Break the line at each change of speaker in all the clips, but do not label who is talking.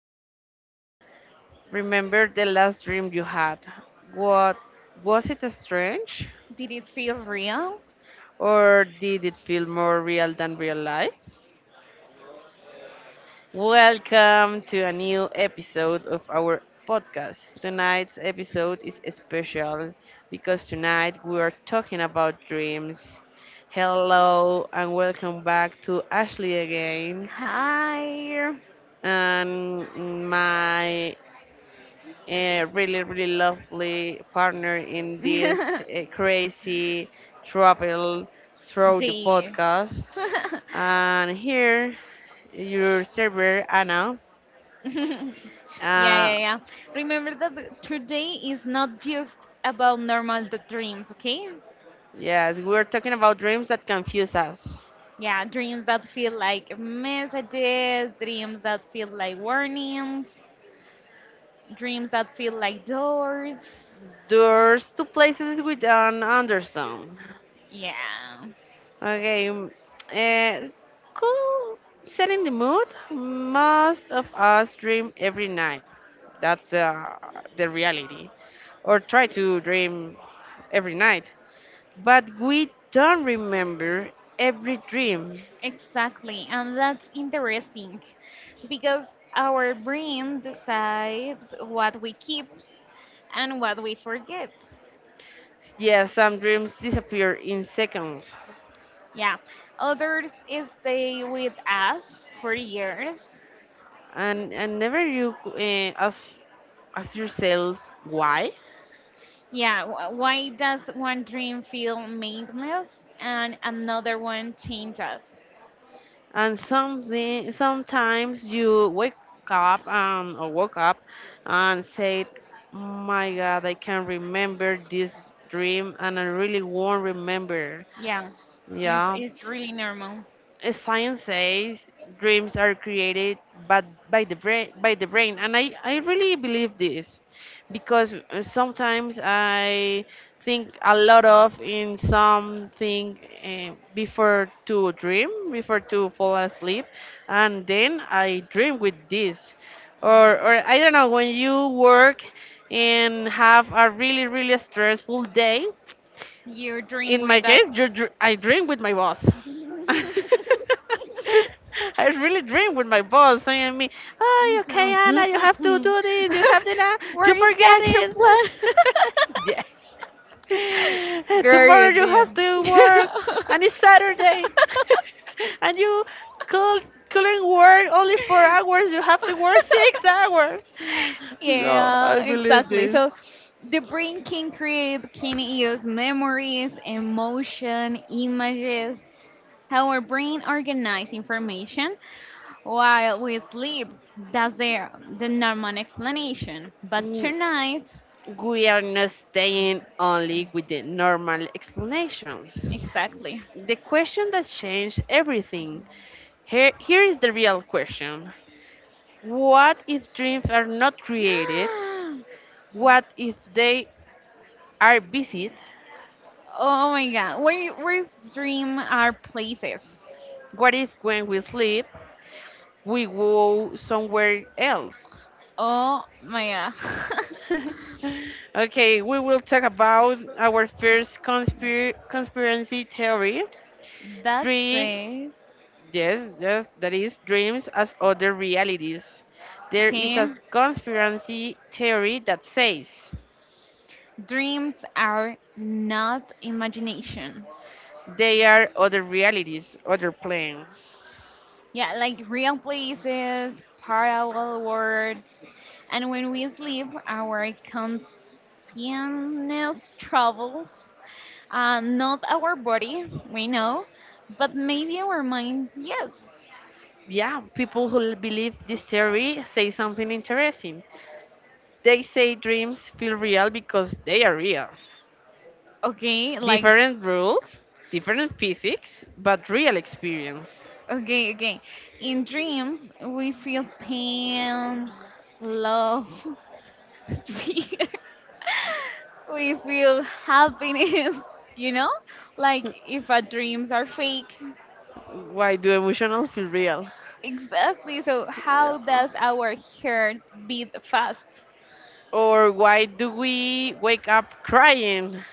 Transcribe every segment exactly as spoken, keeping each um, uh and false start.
to remember. Remember the last dream you had. What was it, strange?
It feels real.
Or did it feel more real than real life? Welcome to a new episode of our podcast. Tonight's episode is special because tonight we are talking about dreams. Hello and welcome back to Ashley again,
Hi.
and my uh, really really lovely partner in this
Dear.
uh, crazy travel through the podcast and here your server Anna.
Yeah,
uh,
yeah, yeah. Remember that the- today is not just about normal the dreams, okay?
yes, we're talking about dreams that confuse us,
Yeah, dreams that feel like messages, dreams that feel like warnings, dreams that feel like doors.
doors to places we don't understand.
Yeah,
Okay, um, uh, cool. Setting the mood. Most of us dream every night. That's uh, the reality, or try to dream every night. But we don't remember every dream.
exactly. And that's interesting because our brain decides what we keep and what we forget.
Yeah, some dreams disappear in seconds,
Yeah. Others stay with us for years.
and and never you uh, ask ask yourself why.
Yeah. wh- Why does one dream feel meaningless and another one changes?
And something sometimes you wake up um, or woke up and said, "My God, I can remember this dream, and I really won't remember."
Yeah. It's,
Yeah,
it's really normal.
as science says, dreams are created but by the brain, by the brain and i i really believe this because uh, sometimes I think a lot of in something uh, before to dream, before to fall asleep, and then I dream with this, or or I don't
Mm.
know. When you work and have a really really stressful day,
You dream
in my
with that.
case, you, dr- I dream with my boss. I really dream with my boss saying me,
Me
"Oh,
too.
okay, Anna, you have to
Mm-mm-mm.
do this. You have to that.
Where
You
is the
forget
action
it."
plan?
Yes. Tomorrow
Very
you have
damn.
to work, and it's Saturday, and you could couldn't work only four hours. You have to work six hours. So
Yeah,
I believe
exactly.
this.
So the brain can create, can use memories, emotion, images. How our brain organizes information while we sleep. That's the, the normal explanation. But
Mm,
tonight,
we are not staying only with the normal explanations.
exactly.
The question that changed everything. Here, here is the real question. What if dreams are not created? What if they are visited?
Oh my god, where, where dream are places.
What if when we sleep, we go somewhere else?
Oh my god.
Okay, we will talk about our first conspir- conspiracy theory.
That
Three.
says,
Yes, yes, there is dreams as other realities. There is a
okay.
conspiracy theory that says
Dreams are not imagination.
they are other realities, other planes.
Yeah, like real places, parallel worlds. And when we sleep, our consciousness travels. Uh, not our body, we know, but maybe our mind, yes.
Yeah, people who believe this theory say something interesting. They say dreams feel real because they are real.
Okay, like,
Different rules, different physics, but real experience.
okay, okay. In dreams, we feel pain, love, we we feel happiness, you know, like if our dreams are fake,
Why do emotional feel real?
exactly. So how
Yeah.
does our heart beat fast?
Or why do we wake up crying?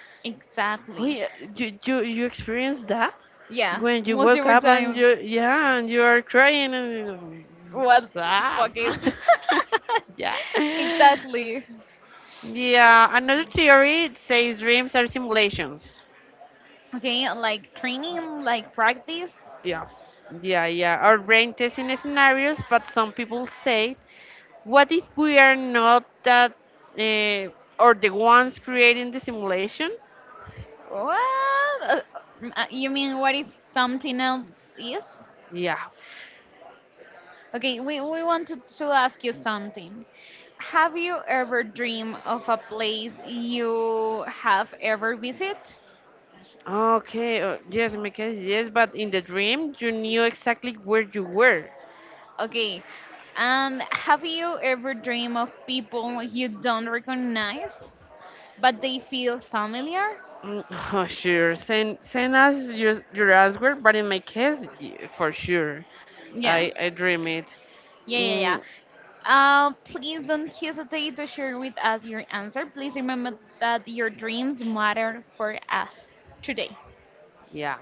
Oh
Exactly.
yeah, you you you experienced that
Yeah,
when you woke
multiple
up and
times.
you, yeah, and you are crying and you go,
What
what's up?
fuck if
Yeah,
exactly.
yeah. Another theory says dreams are simulations.
Okay, like training, like practice.
Yeah, yeah, yeah. Our brain testing scenarios, but some people say, what if we are not that uh, or the ones creating the simulation?
What? Uh, uh, you mean what if something else is.
Yeah.
Okay, we, we wanted to ask you something. Have you ever dreamed of a place you have ever visit?
Okay, uh, yes, in my case, yes, but in the dream, you knew exactly where you were.
Okay, and have you ever dreamed of people you don't recognize, but they feel familiar?
Mm. Oh, sure. Send send us your your answer, but in my case, y- for sure,
Yeah,
I I dream it.
yeah, yeah, yeah.
Mm,
Uh, please don't hesitate to share with us your answer. Please remember that your dreams matter for us today.
yeah.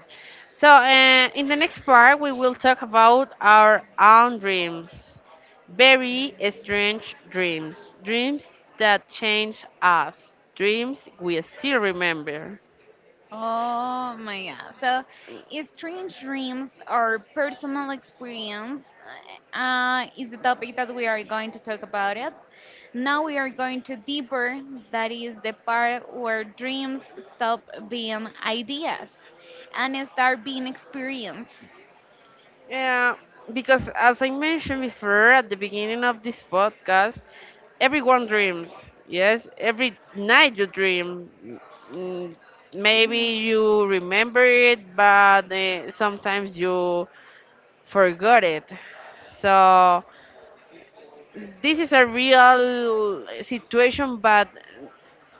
So uh, in the next part, we will talk about our own dreams, very strange dreams, dreams that change us, dreams we still remember.
Oh my god. So, if strange dreams or personal experience uh, is the topic that we are going to talk about it. Now we are going to deeper, that is the part where dreams stop being ideas and start being experience.
Yeah, because as I mentioned before at the beginning of this podcast, everyone dreams. Yes, every night you dream. Mm. Maybe you remember it, but uh, sometimes you forgot it. So this is a real situation, but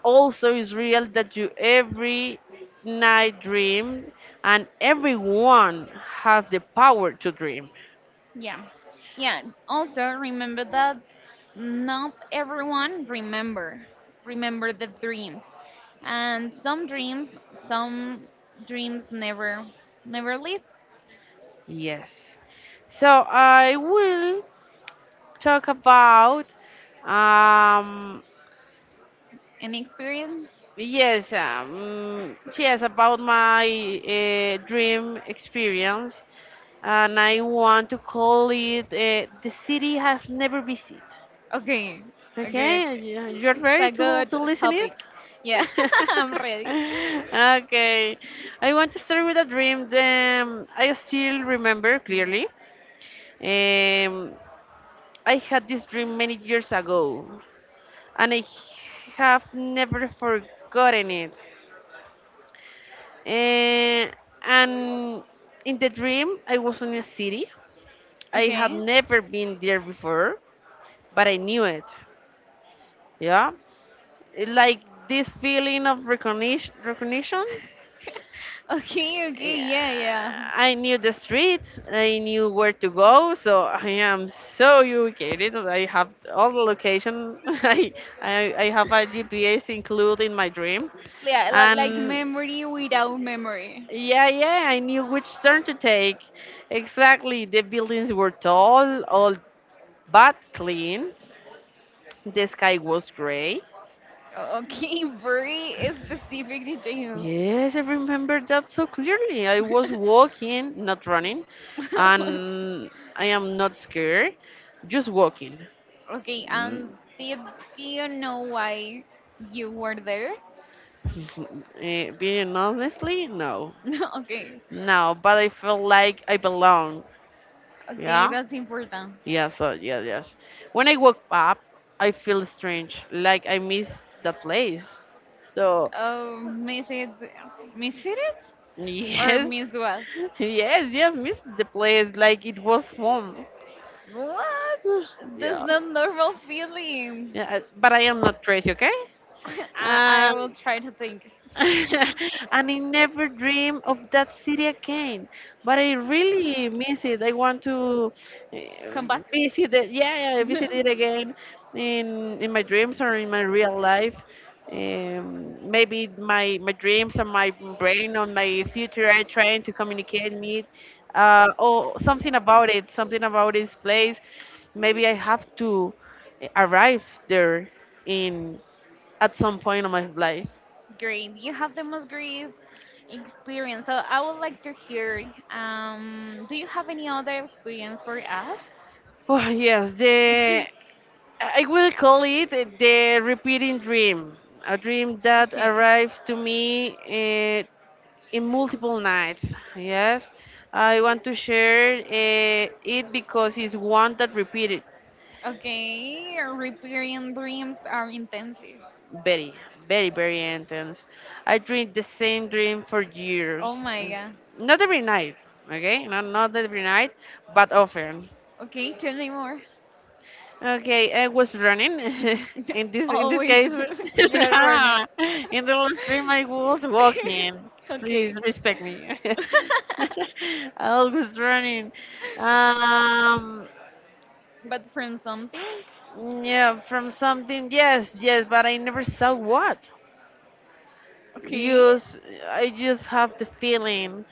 also is real that you every night dream, and everyone have the power to dream.
Yeah. Yeah. Also remember that not everyone remember remember the dreams. And some dreams, some dreams never never live
Yes. So I will talk about um
an experience.
yes um yes about my uh, dream experience, and I want to call it uh, the city I've never visited.
Okay. Okay, okay.
Okay, you- you're
It's
ready
a
to to
good
listen it?
topic. Yeah, I'm ready.
Okay. I want to start with a dream that I still remember clearly. Um, I had this dream many years ago, and I have never forgotten it. Eh, and in the dream, I was in a city. I had
Okay.
never been there before, but I knew it. Yeah, It- like this feeling of recognition. Recognition.
Okay, okay,
Yeah.
yeah, yeah.
I knew the streets. I knew where to go. So I am so ubicated. I have all the location. I I, I have a G P S included in my dream.
Yeah, li- like
And
memory without memory.
yeah, yeah, I knew which turn to take. Exactly. The buildings were tall, all but clean. The sky was gray.
Okay, very specific details.
Yes, I remember that so clearly. I was walking, not running, and I am not scared, just walking.
Okay,
Mm.
and did you know why you were there?
eh, Being honestly, no,
Okay,
no, but I felt like I belong.
okay,
Yeah.
that's important.
Yeah. So yeah, yes. When I woke up, I feel strange, like I miss the place. So,
Oh, miss it, miss it, or
yes,
miss what?
yes, yes, miss the place, like it was home.
What? That's
Yeah,
not normal feelings.
yeah. I- But I am not crazy, okay?
I,
Uh,
I will try to think.
and I never dream of that city again. But I really miss it. I want to uh,
Come back.
visit it. Yeah, yeah, visit it again in in my dreams or in my real life. Um, Maybe my my dreams or my brain or my future are trying to communicate me, uh, or something about it, something about this place. Maybe I have to eh, arrive there in at some point of my life.
Great, you have the most great experience. So I would like to hear. Um, do you have any other experience for us?
Oh, yes, the I will call it the repeating dream, a dream that
Okay.
arrives to me uh, in multiple nights. Yes, I want to share uh, it because it's one that repeated
Okay, repairing dreams are intensive.
very, very, very intense. I dream the same dream for
Oh
years.
my
Mm,
god.
not every night. Okay, not not every night, but often.
Okay, tell me more.
Okay, I was running. In this in this case,
Always you're running.
no. In the last stream, I was walking. Please
Okay.
respect me. I was running. Um,
But from something?
yeah, from something. Yes, yes, but I never saw what.
Okay.
Just, I just have the feeling,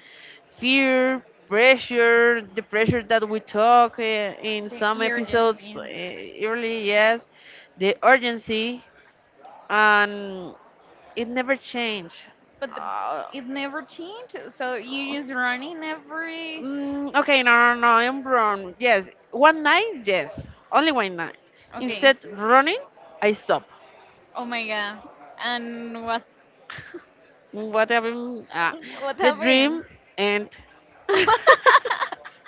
fear, pressure, the pressure that we talk uh, in
The
some episodes uh,
urgency.
early. Yes, the urgency, and it never changed.
But the,
Uh,
it never changed, so you just running every.
mm, okay, no, no, no, I'm wrong. Yes, one night, yes, only one night.
Okay.
Instead running, I stop.
Oh my god. And what?
What happened? Ah,
What
the
happened?
dream, and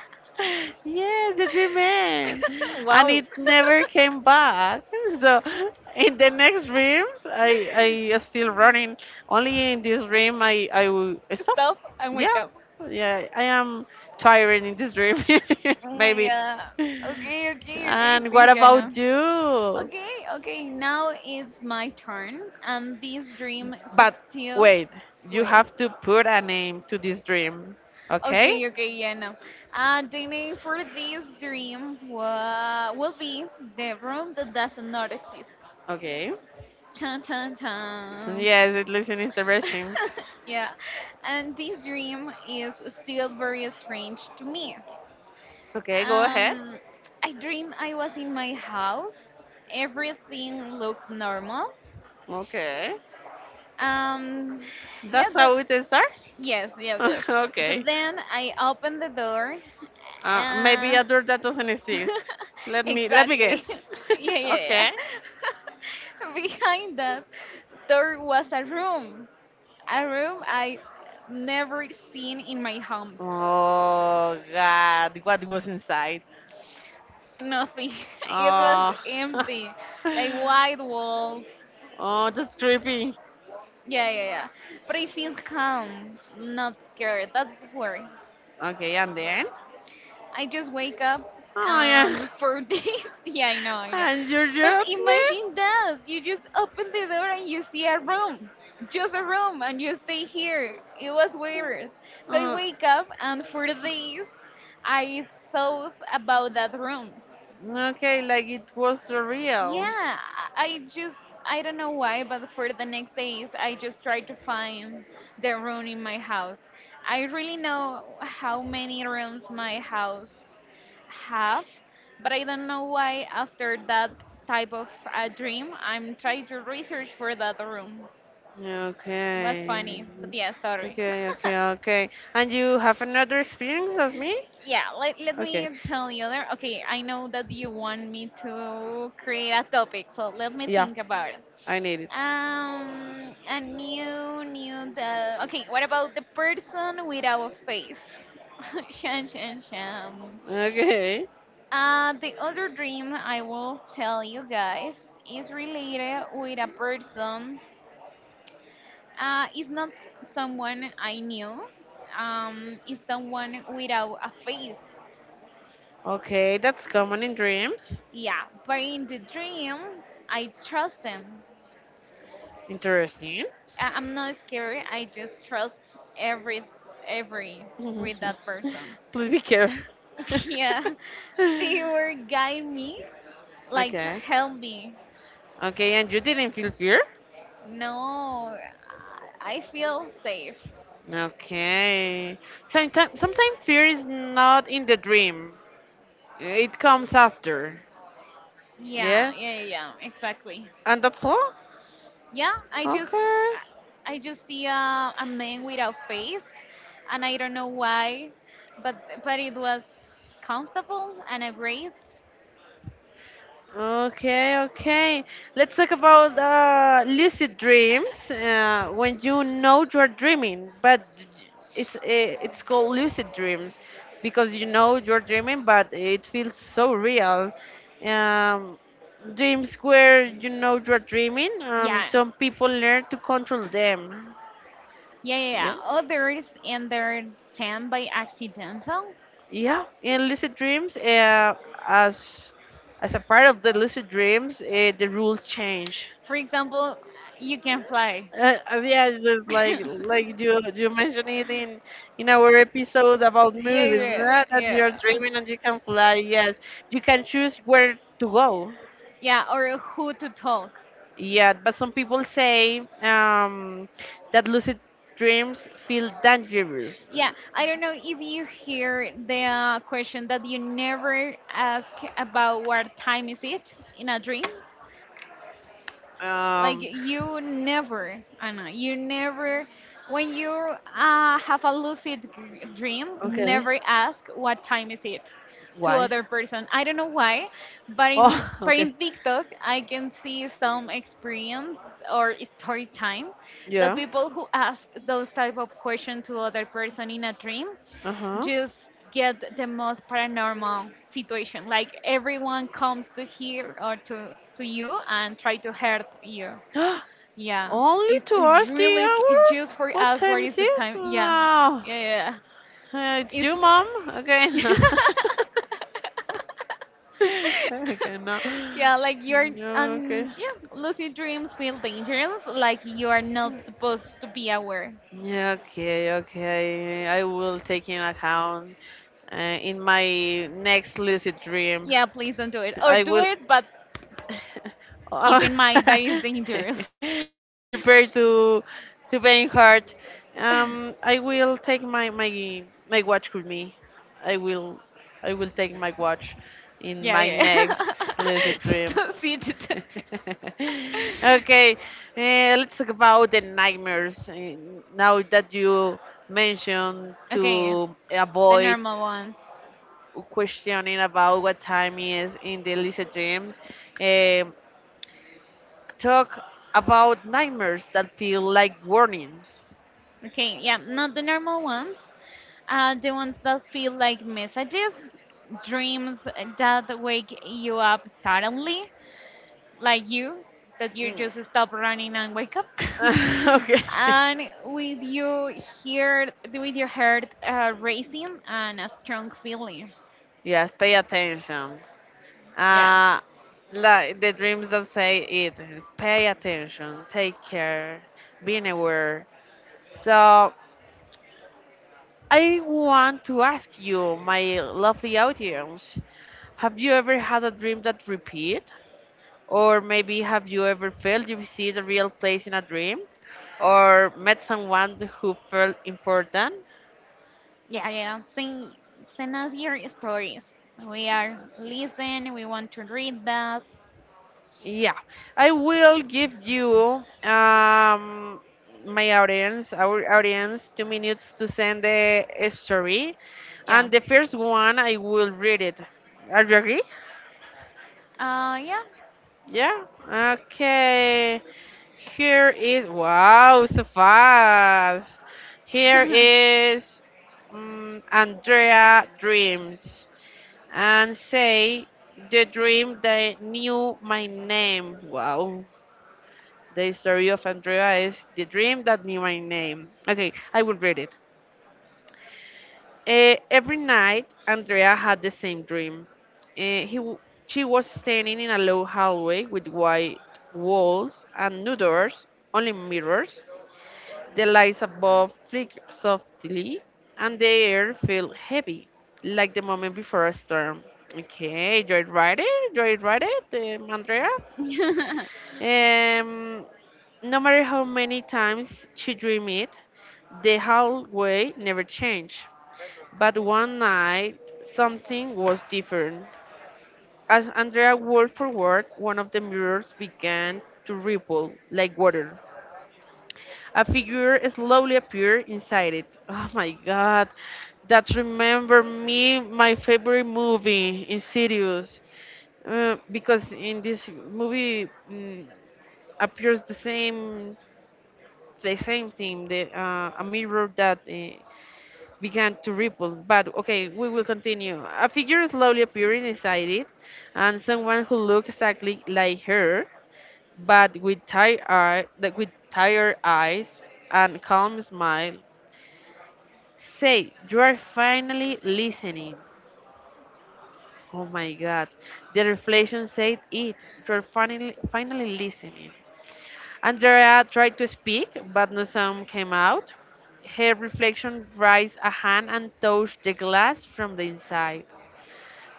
yes, the dream end, and
Wow.
it never came back. So in the next dreams, I I is still running. Only in this dream, I I will stop.
Stop and wake
Yeah,
up.
yeah, I am tired in this dream,
Oh my
maybe.
god. Okay, okay, okay.
And what
Thank you, Anna.
about you?
Okay, okay. Now it's my turn, and this dream is
But
still.
wait, you
Wait.
have to put a name to this dream, okay?
Okay, okay, yeah, no. Uh, the name for this dream wa- will be The Room That Does Not Exist.
Okay.
Chan, chan, chan.
Yes, it looks interesting.
Yeah, and this dream is still very strange to me.
Okay, go ahead.
Um, I dream I was in my house. Everything looked normal.
Okay.
Um, yeah,
That's
the
how it starts?
yes, yeah, yes. But
Okay.
then I opened the door.
Uh, maybe a
Uh,
door that doesn't exist. Let me let me
exactly.
guess.
Yeah, yeah, yeah.
Okay.
Behind that door was a room, a room I never seen in my home.
Oh god, what was inside?
Nothing. It was
Oh.
empty, like white walls.
Oh, that's creepy.
Yeah, yeah, yeah. But I feel calm, not scared. That's worry.
Okay, and then?
I just wake up
Oh yeah.
and for days. Yeah, I know, I know.
And you
But
judged me?
imagine that you just open the door and you see a room, just a room, and you stay here. It was weird. So I
Uh,
wake up and for days I thought about that room.
okay, like it was real.
Yeah, I just I don't know why, but for the next days I just try to find the room in my house. I really know how many rooms my house have, but I don't know why after that type of a dream I'm trying to research for that room. Was
Okay.
funny, but yeah, sorry.
Okay, okay, okay. And you have another experience as me?
Yeah, let, let me
Okay.
tell you there. Okay, I know that you want me to create a topic, so let me
Yeah,
think about it.
I need it.
Um, a new, new. The Okay. What about the person without a face? Shan, shan, shan.
Okay.
Uh, the other dream I will tell you guys is related with a person. Uh, it's not someone I knew. Um, it's someone without a face.
Okay, that's common in dreams.
Yeah, but in the dream, I trust them.
Interesting.
I- I'm not scared. I just trust every, every with that person.
Please be careful.
Yeah, they were guide me, like
Okay.
help me.
Okay, and you didn't feel fear?
No, I I feel safe.
Okay. Sometimes sometimes fear is not in the dream. It comes after.
Yeah,
Yeah?
yeah, yeah, yeah, exactly.
And that's all?
Yeah, I just,
Okay.
I just see a, a man without face, and I don't know why, but but it was comfortable and a great.
Okay, okay. Let's talk about uh, lucid dreams. Uh, when you know you are dreaming, but it's eh, it's called lucid dreams because you know you're dreaming, but it feels so real. Um, Dreams where you know you're dreaming. Um,
Yeah,
some people learn to control them.
yeah, yeah.
Yeah.
Yeah. Others enter ten by accidental.
Yeah, in lucid dreams, uh, as as a part of the lucid dreams, uh, the rules change.
For example, you can fly.
Uh, uh, yeah, it's just like like you you mentioned it in in our episode about
Yeah,
movies. Not
yeah,
that you're
yeah.
dreaming and you can fly. Yes, you can choose where to go.
Yeah, or who to talk.
Yeah, but some people say um, that lucid dreams feel dangerous.
Yeah, I don't know if you hear the uh, question that you never ask about what time is it in a dream. Like
Um,
you never, Anna, you never, when you uh, have a lucid g- dream,
okay,
never ask what time is it to
why?
other person. I don't know why, but in
Oh,
but in
okay,
TikTok, I can see some experience or story time that
yeah.
people who ask those type of questions to other person in a dream
Uh huh.
just get the most paranormal situation. Like everyone comes to here or to to you and try to hurt you. Yeah,
Only
it's, it's
towards the
really sc- it's
hour?
just for
What
us. Where
time is
is the
it?
time? Yeah,
Wow.
yeah, yeah. Yeah.
Uh, it's you,
It's
mom. Okay. Okay, no.
yeah, like you're
No, okay.
um yeah, lucid dreams feel dangerous. Like you are not supposed to be aware.
Yeah. Okay, okay. I will take in account uh, in my next lucid dream.
Yeah, please don't do it or
I
do
will
it, but
Oh,
keep in mind that is dangerous.
be prepared to to bang hard. Um, I will take my my my watch with me. I will I will take my watch in
Yeah,
my next
yeah.
lucid dream.
Don't see it.
Okay, uh, let's talk about the nightmares. Uh, Now that you mentioned
Okay,
to
the
avoid
normal ones.
questioning about what time is in the lucid dreams, um, talk about nightmares that feel like warnings.
Okay, yeah, not the normal ones. Uh, the ones that feel like messages, dreams that wake you up suddenly, like you, that you
Mm.
just stop running and wake up.
Okay.
And with you hear, with your heart uh, racing and a strong feeling.
Yes, pay attention.
Yeah,
Uh, like the dreams that say it. Pay attention. Take care. Being aware. So I want to ask you, my lovely audience, have you ever had a dream that repeat? Or maybe have you ever felt you see the real place in a dream? Or met someone who felt important?
yeah, yeah. Send, send us your stories. We are listening. We want to read that.
Yeah, I will give you um my audience, our audience, two minutes to send the story,
Yeah.
and the first one I will read it. Are you agree?
Uh, yeah.
Yeah. Okay. Here is, wow, so fast. Here is, mm, Andrea dreams and say the dream that knew my name. Wow. The story of Andrea is the dream that knew my name. Okay, I will read it. Eh, every night, Andrea had the same dream. Eh, he, w- she was standing in a low hallway with white walls and no doors, only mirrors. The lights above flickered softly, and the air felt heavy, like the moment before a storm. Okay, do I write it? Do I write it, um, Andrea? Um, no matter how many times she dreamed it, the hallway never changed, but one night something was different. As Andrea walked forward, one of the mirrors began to ripple like water. A figure slowly appeared inside it. Oh my god, that remembered me my favorite movie, Insidious. Uh, because in this movie, mm, appears the same the same thing, the uh, a mirror that uh, began to ripple. But okay, we will continue. A figure slowly appearing inside it, and someone who looked exactly like her, but with tired eye, that with tired eyes and calm smile. Say, you are finally listening. Oh my God! The reflection said it. You're finally finally listening. Andrea tried to speak, but no sound came out. Her reflection raised a hand and touched the glass from the inside.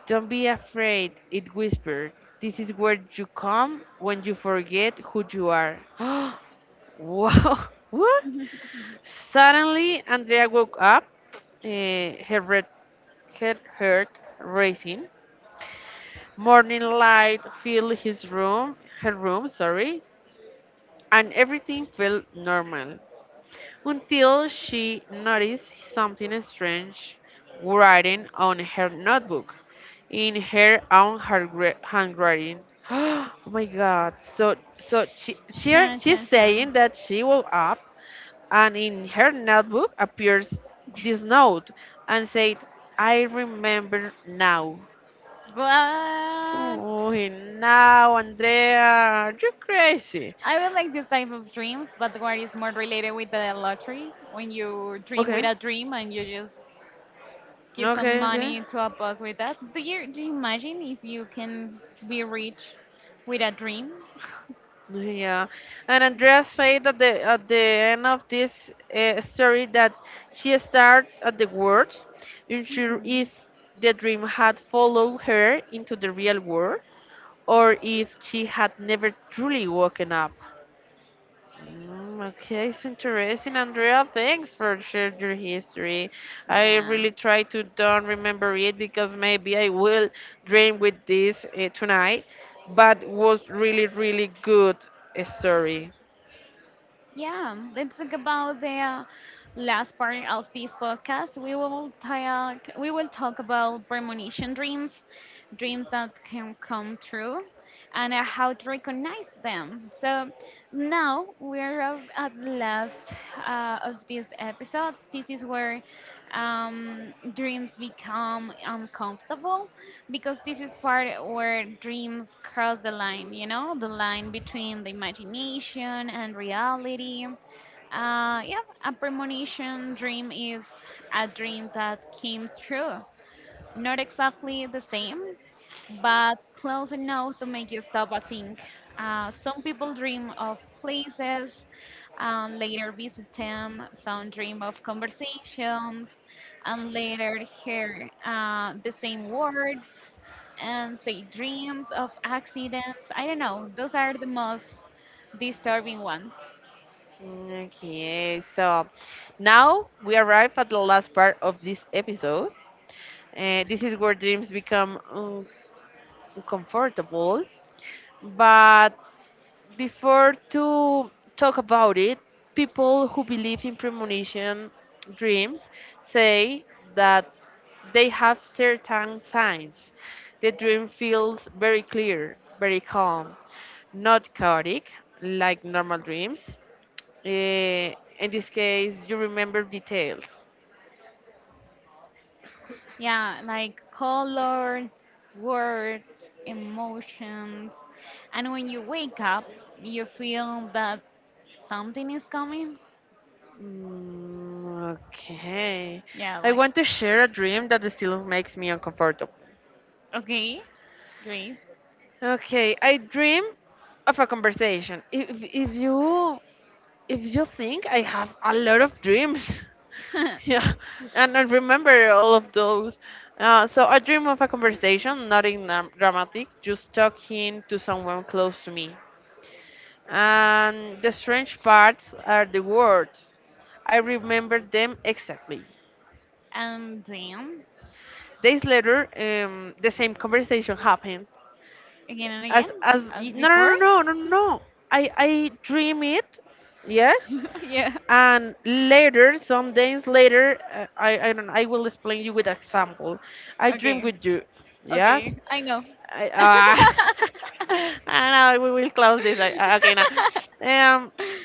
Don't be afraid, it whispered. This is where you come when you forget who you are. Wow, what? Suddenly, Andrea woke up, eh, her, red, her heart racing. Morning light filled his room, her room, sorry, and everything felt normal, until she noticed something strange, writing on her notebook in her own handgra- handwriting. Oh my god. So so she, she
Sure,
she's
sure, sure.
saying that she woke up and in her notebook appears this note and said, I remember now.
What? I
Oh, now Andrea, you're crazy.
would like this type of dreams, but what is more related with the lottery? When you dream with
Okay,
a dream and you just give some
okay, okay.
money to a boss with that. Do you, do you imagine if you can be rich with a dream?
Yeah, and Andrea said that, the, at the end of this uh, story, that she stared at the world, unsure if the dream had followed her into the real world or if she had never truly woken up. Mm, okay, it's interesting, Andrea. Thanks for sharing your history.
Mhm.
I
Yeah.
really try to don't remember it because maybe I will dream with this uh, tonight. But was really, really good uh, story.
Yeah, let's talk about the uh, last part of this podcast. We will talk. We will talk about premonition dreams, dreams that can come true, and uh, how to recognize them. So now we're of- at the last uh, of this episode. This is where um, dreams become uncomfortable because this is part where dreams cross the line, you know, the line between the imagination and reality. Uh, yeah, a premonition dream is a dream that comes true. Not exactly the same, but close enough to make you stop and think. Uh, some people dream of places and later visit them. Some dream of conversations and later hear uh, the same words and say dreams of accidents. I don't know. Those are the most disturbing ones.
Mm, Okay, so now we arrive at the last part of this episode. Uh, this is where dreams become un- uncomfortable. But before to talk about it, people who believe in premonition dreams say that they have certain signs. The dream feels very clear, very calm, not chaotic like normal dreams. Eh, in this case, you remember details.
Yeah, like colors, words, emotions. And when you wake up, you feel that something is coming.
Mm, okay.
Yeah,
I
like,
want to share a dream that still makes me uncomfortable.
okay, great.
Okay, I dream of a conversation. If if you if you think I have a lot of dreams. Yeah, and I remember all of those. Uh, so I dream of a conversation, nothing dram- dramatic, just talking to someone close to me. And the strange parts are the words. I remember them exactly.
And then
Days later, um, the same conversation happened.
again and again,
As as
as
y- no,
before.
no, no, no, no, no. No. I I dream it, yes.
Yeah,
And later, some days later, uh, I I don't know. I will explain you with example. I dream
okay,
with you, yes.
okay, I know.
I, uh, I know we will close this. I, I- okay, now. Um.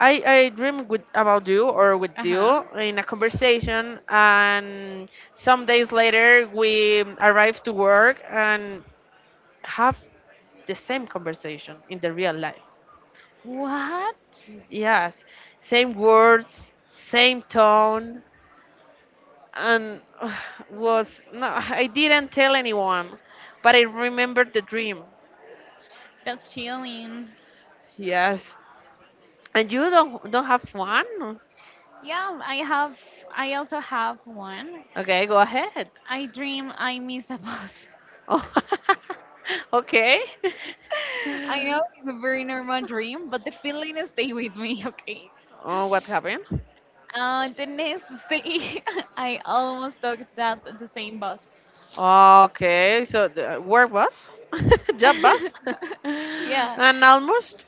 I, I dream with about you or with
Uh huh.
you in a conversation and some days later we arrive to work and have the same conversation in the real life.
What?
Yes, same words, same tone and uh, was no I didn't tell anyone but I remembered the dream.
That's chilling.
Yes. And you don't don't have one?
Yeah, I have. I also have one.
Okay, go ahead.
I dream I miss a bus.
Okay.
I know it's a very normal dream, but the feeling stay with me. Okay.
Oh, what happened?
Uh, the next day, I almost took that the same bus.
Okay, so the, work was? Job was,
Yeah,
and almost?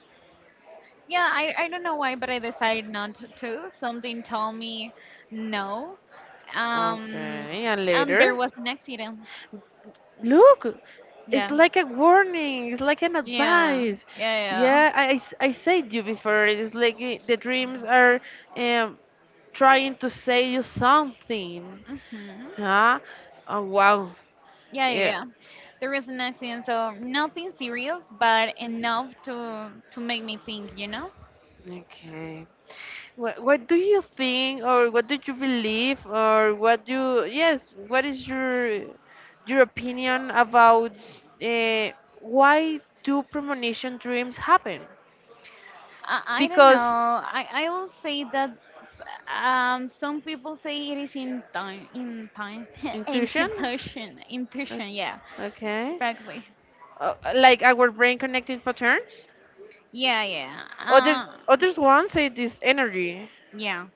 yeah. I I don't know why, but I decided not to. Something told me no. Um,
Okay, and
and there
later?
was an accident.
Look, it's
Yeah,
like a warning, it's like an
yeah,
advice.
yeah,
Yeah, I, I, s- I said you before, it's like eh, the dreams are um, trying to say you something.
yeah. Mhm.
Huh? Oh, wow.
Yeah, yeah,
Yeah,
yeah. There was an accident, so nothing serious, but enough to to make me think. You know,
okay. What, what do you think, or what do you believe, or what do yes, what is your your opinion about uh, why do premonition dreams happen?
I, I don't
Because
know. I I will say that um some people say it is in time in time
intuition.
intuition
Uh,
intuition. Yeah,
okay,
exactly.
uh, like our brain connecting patterns.
Yeah, yeah.
Others
Uh,
others ones say this energy
yeah.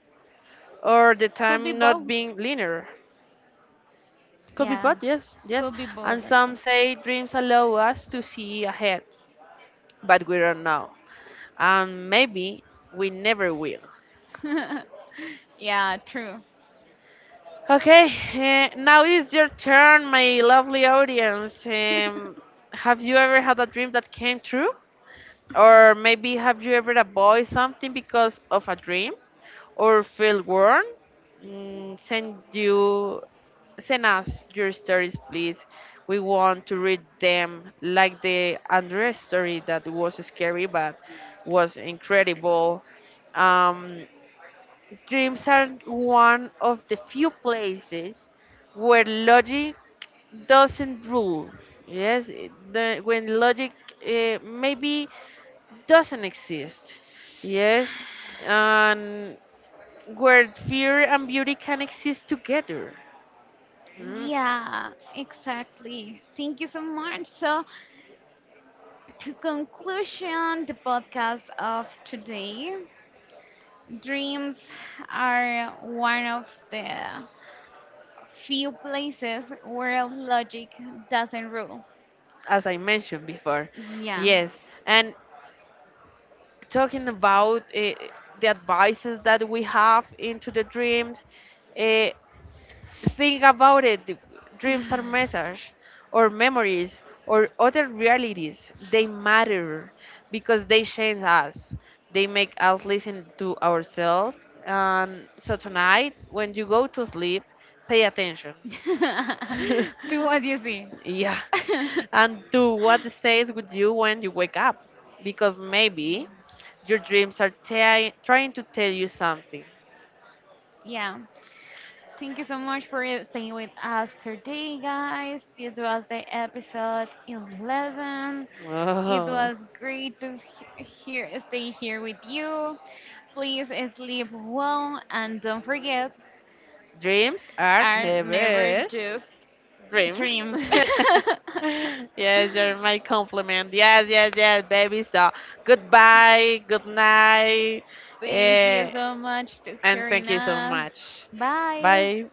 or the
Could be
time not
both.
being linear. Could be
Yeah,
both, yes, yes.
could be both.
And
Like
some
so.
say dreams allow us to see ahead, but we don't know, and maybe we never will.
Yeah, true.
Okay, eh, now it's your turn, my lovely audience. Um, have you ever had a dream that came true? Or maybe have you ever avoided something because of a dream? Or feel worn? Mm, send you Send us your stories, please. We want to read them like the Andres story that was scary but was incredible. Um, Dreams are one of the few places where logic doesn't rule. Yes, it- the, when logic uh, maybe doesn't exist. Yes, and where fear and beauty can exist together. mm,
Yeah, exactly. Thank you so much. So, to conclusion, the podcast of today, dreams are one of the few places where logic doesn't rule.
As I mentioned before.
Yeah.
Yes, and talking about uh, the advices that we have into the dreams. Uh, Think about it. Dreams are messages, or memories, or other realities. They matter because they change us. They make us listen to ourselves. And so tonight, when you go to sleep, pay attention.
Do what you see.
Yeah. And to what stays with you when you wake up. Because maybe your dreams are ti- trying to tell you something.
Yeah. Thank you so much for staying with us today, guys. This was the episode eleven. It
Oh.
was great to he- here stay here with you. Please uh, sleep well and don't forget,
Dreams are
are never
never
just
dreams.
dreams.
Yes, you're my compliment. Yes, yes, yes, baby. So goodbye, good night,
Thank you
eh,
so much to
and
hearing
thank you so
us.
much.
Bye.
Bye.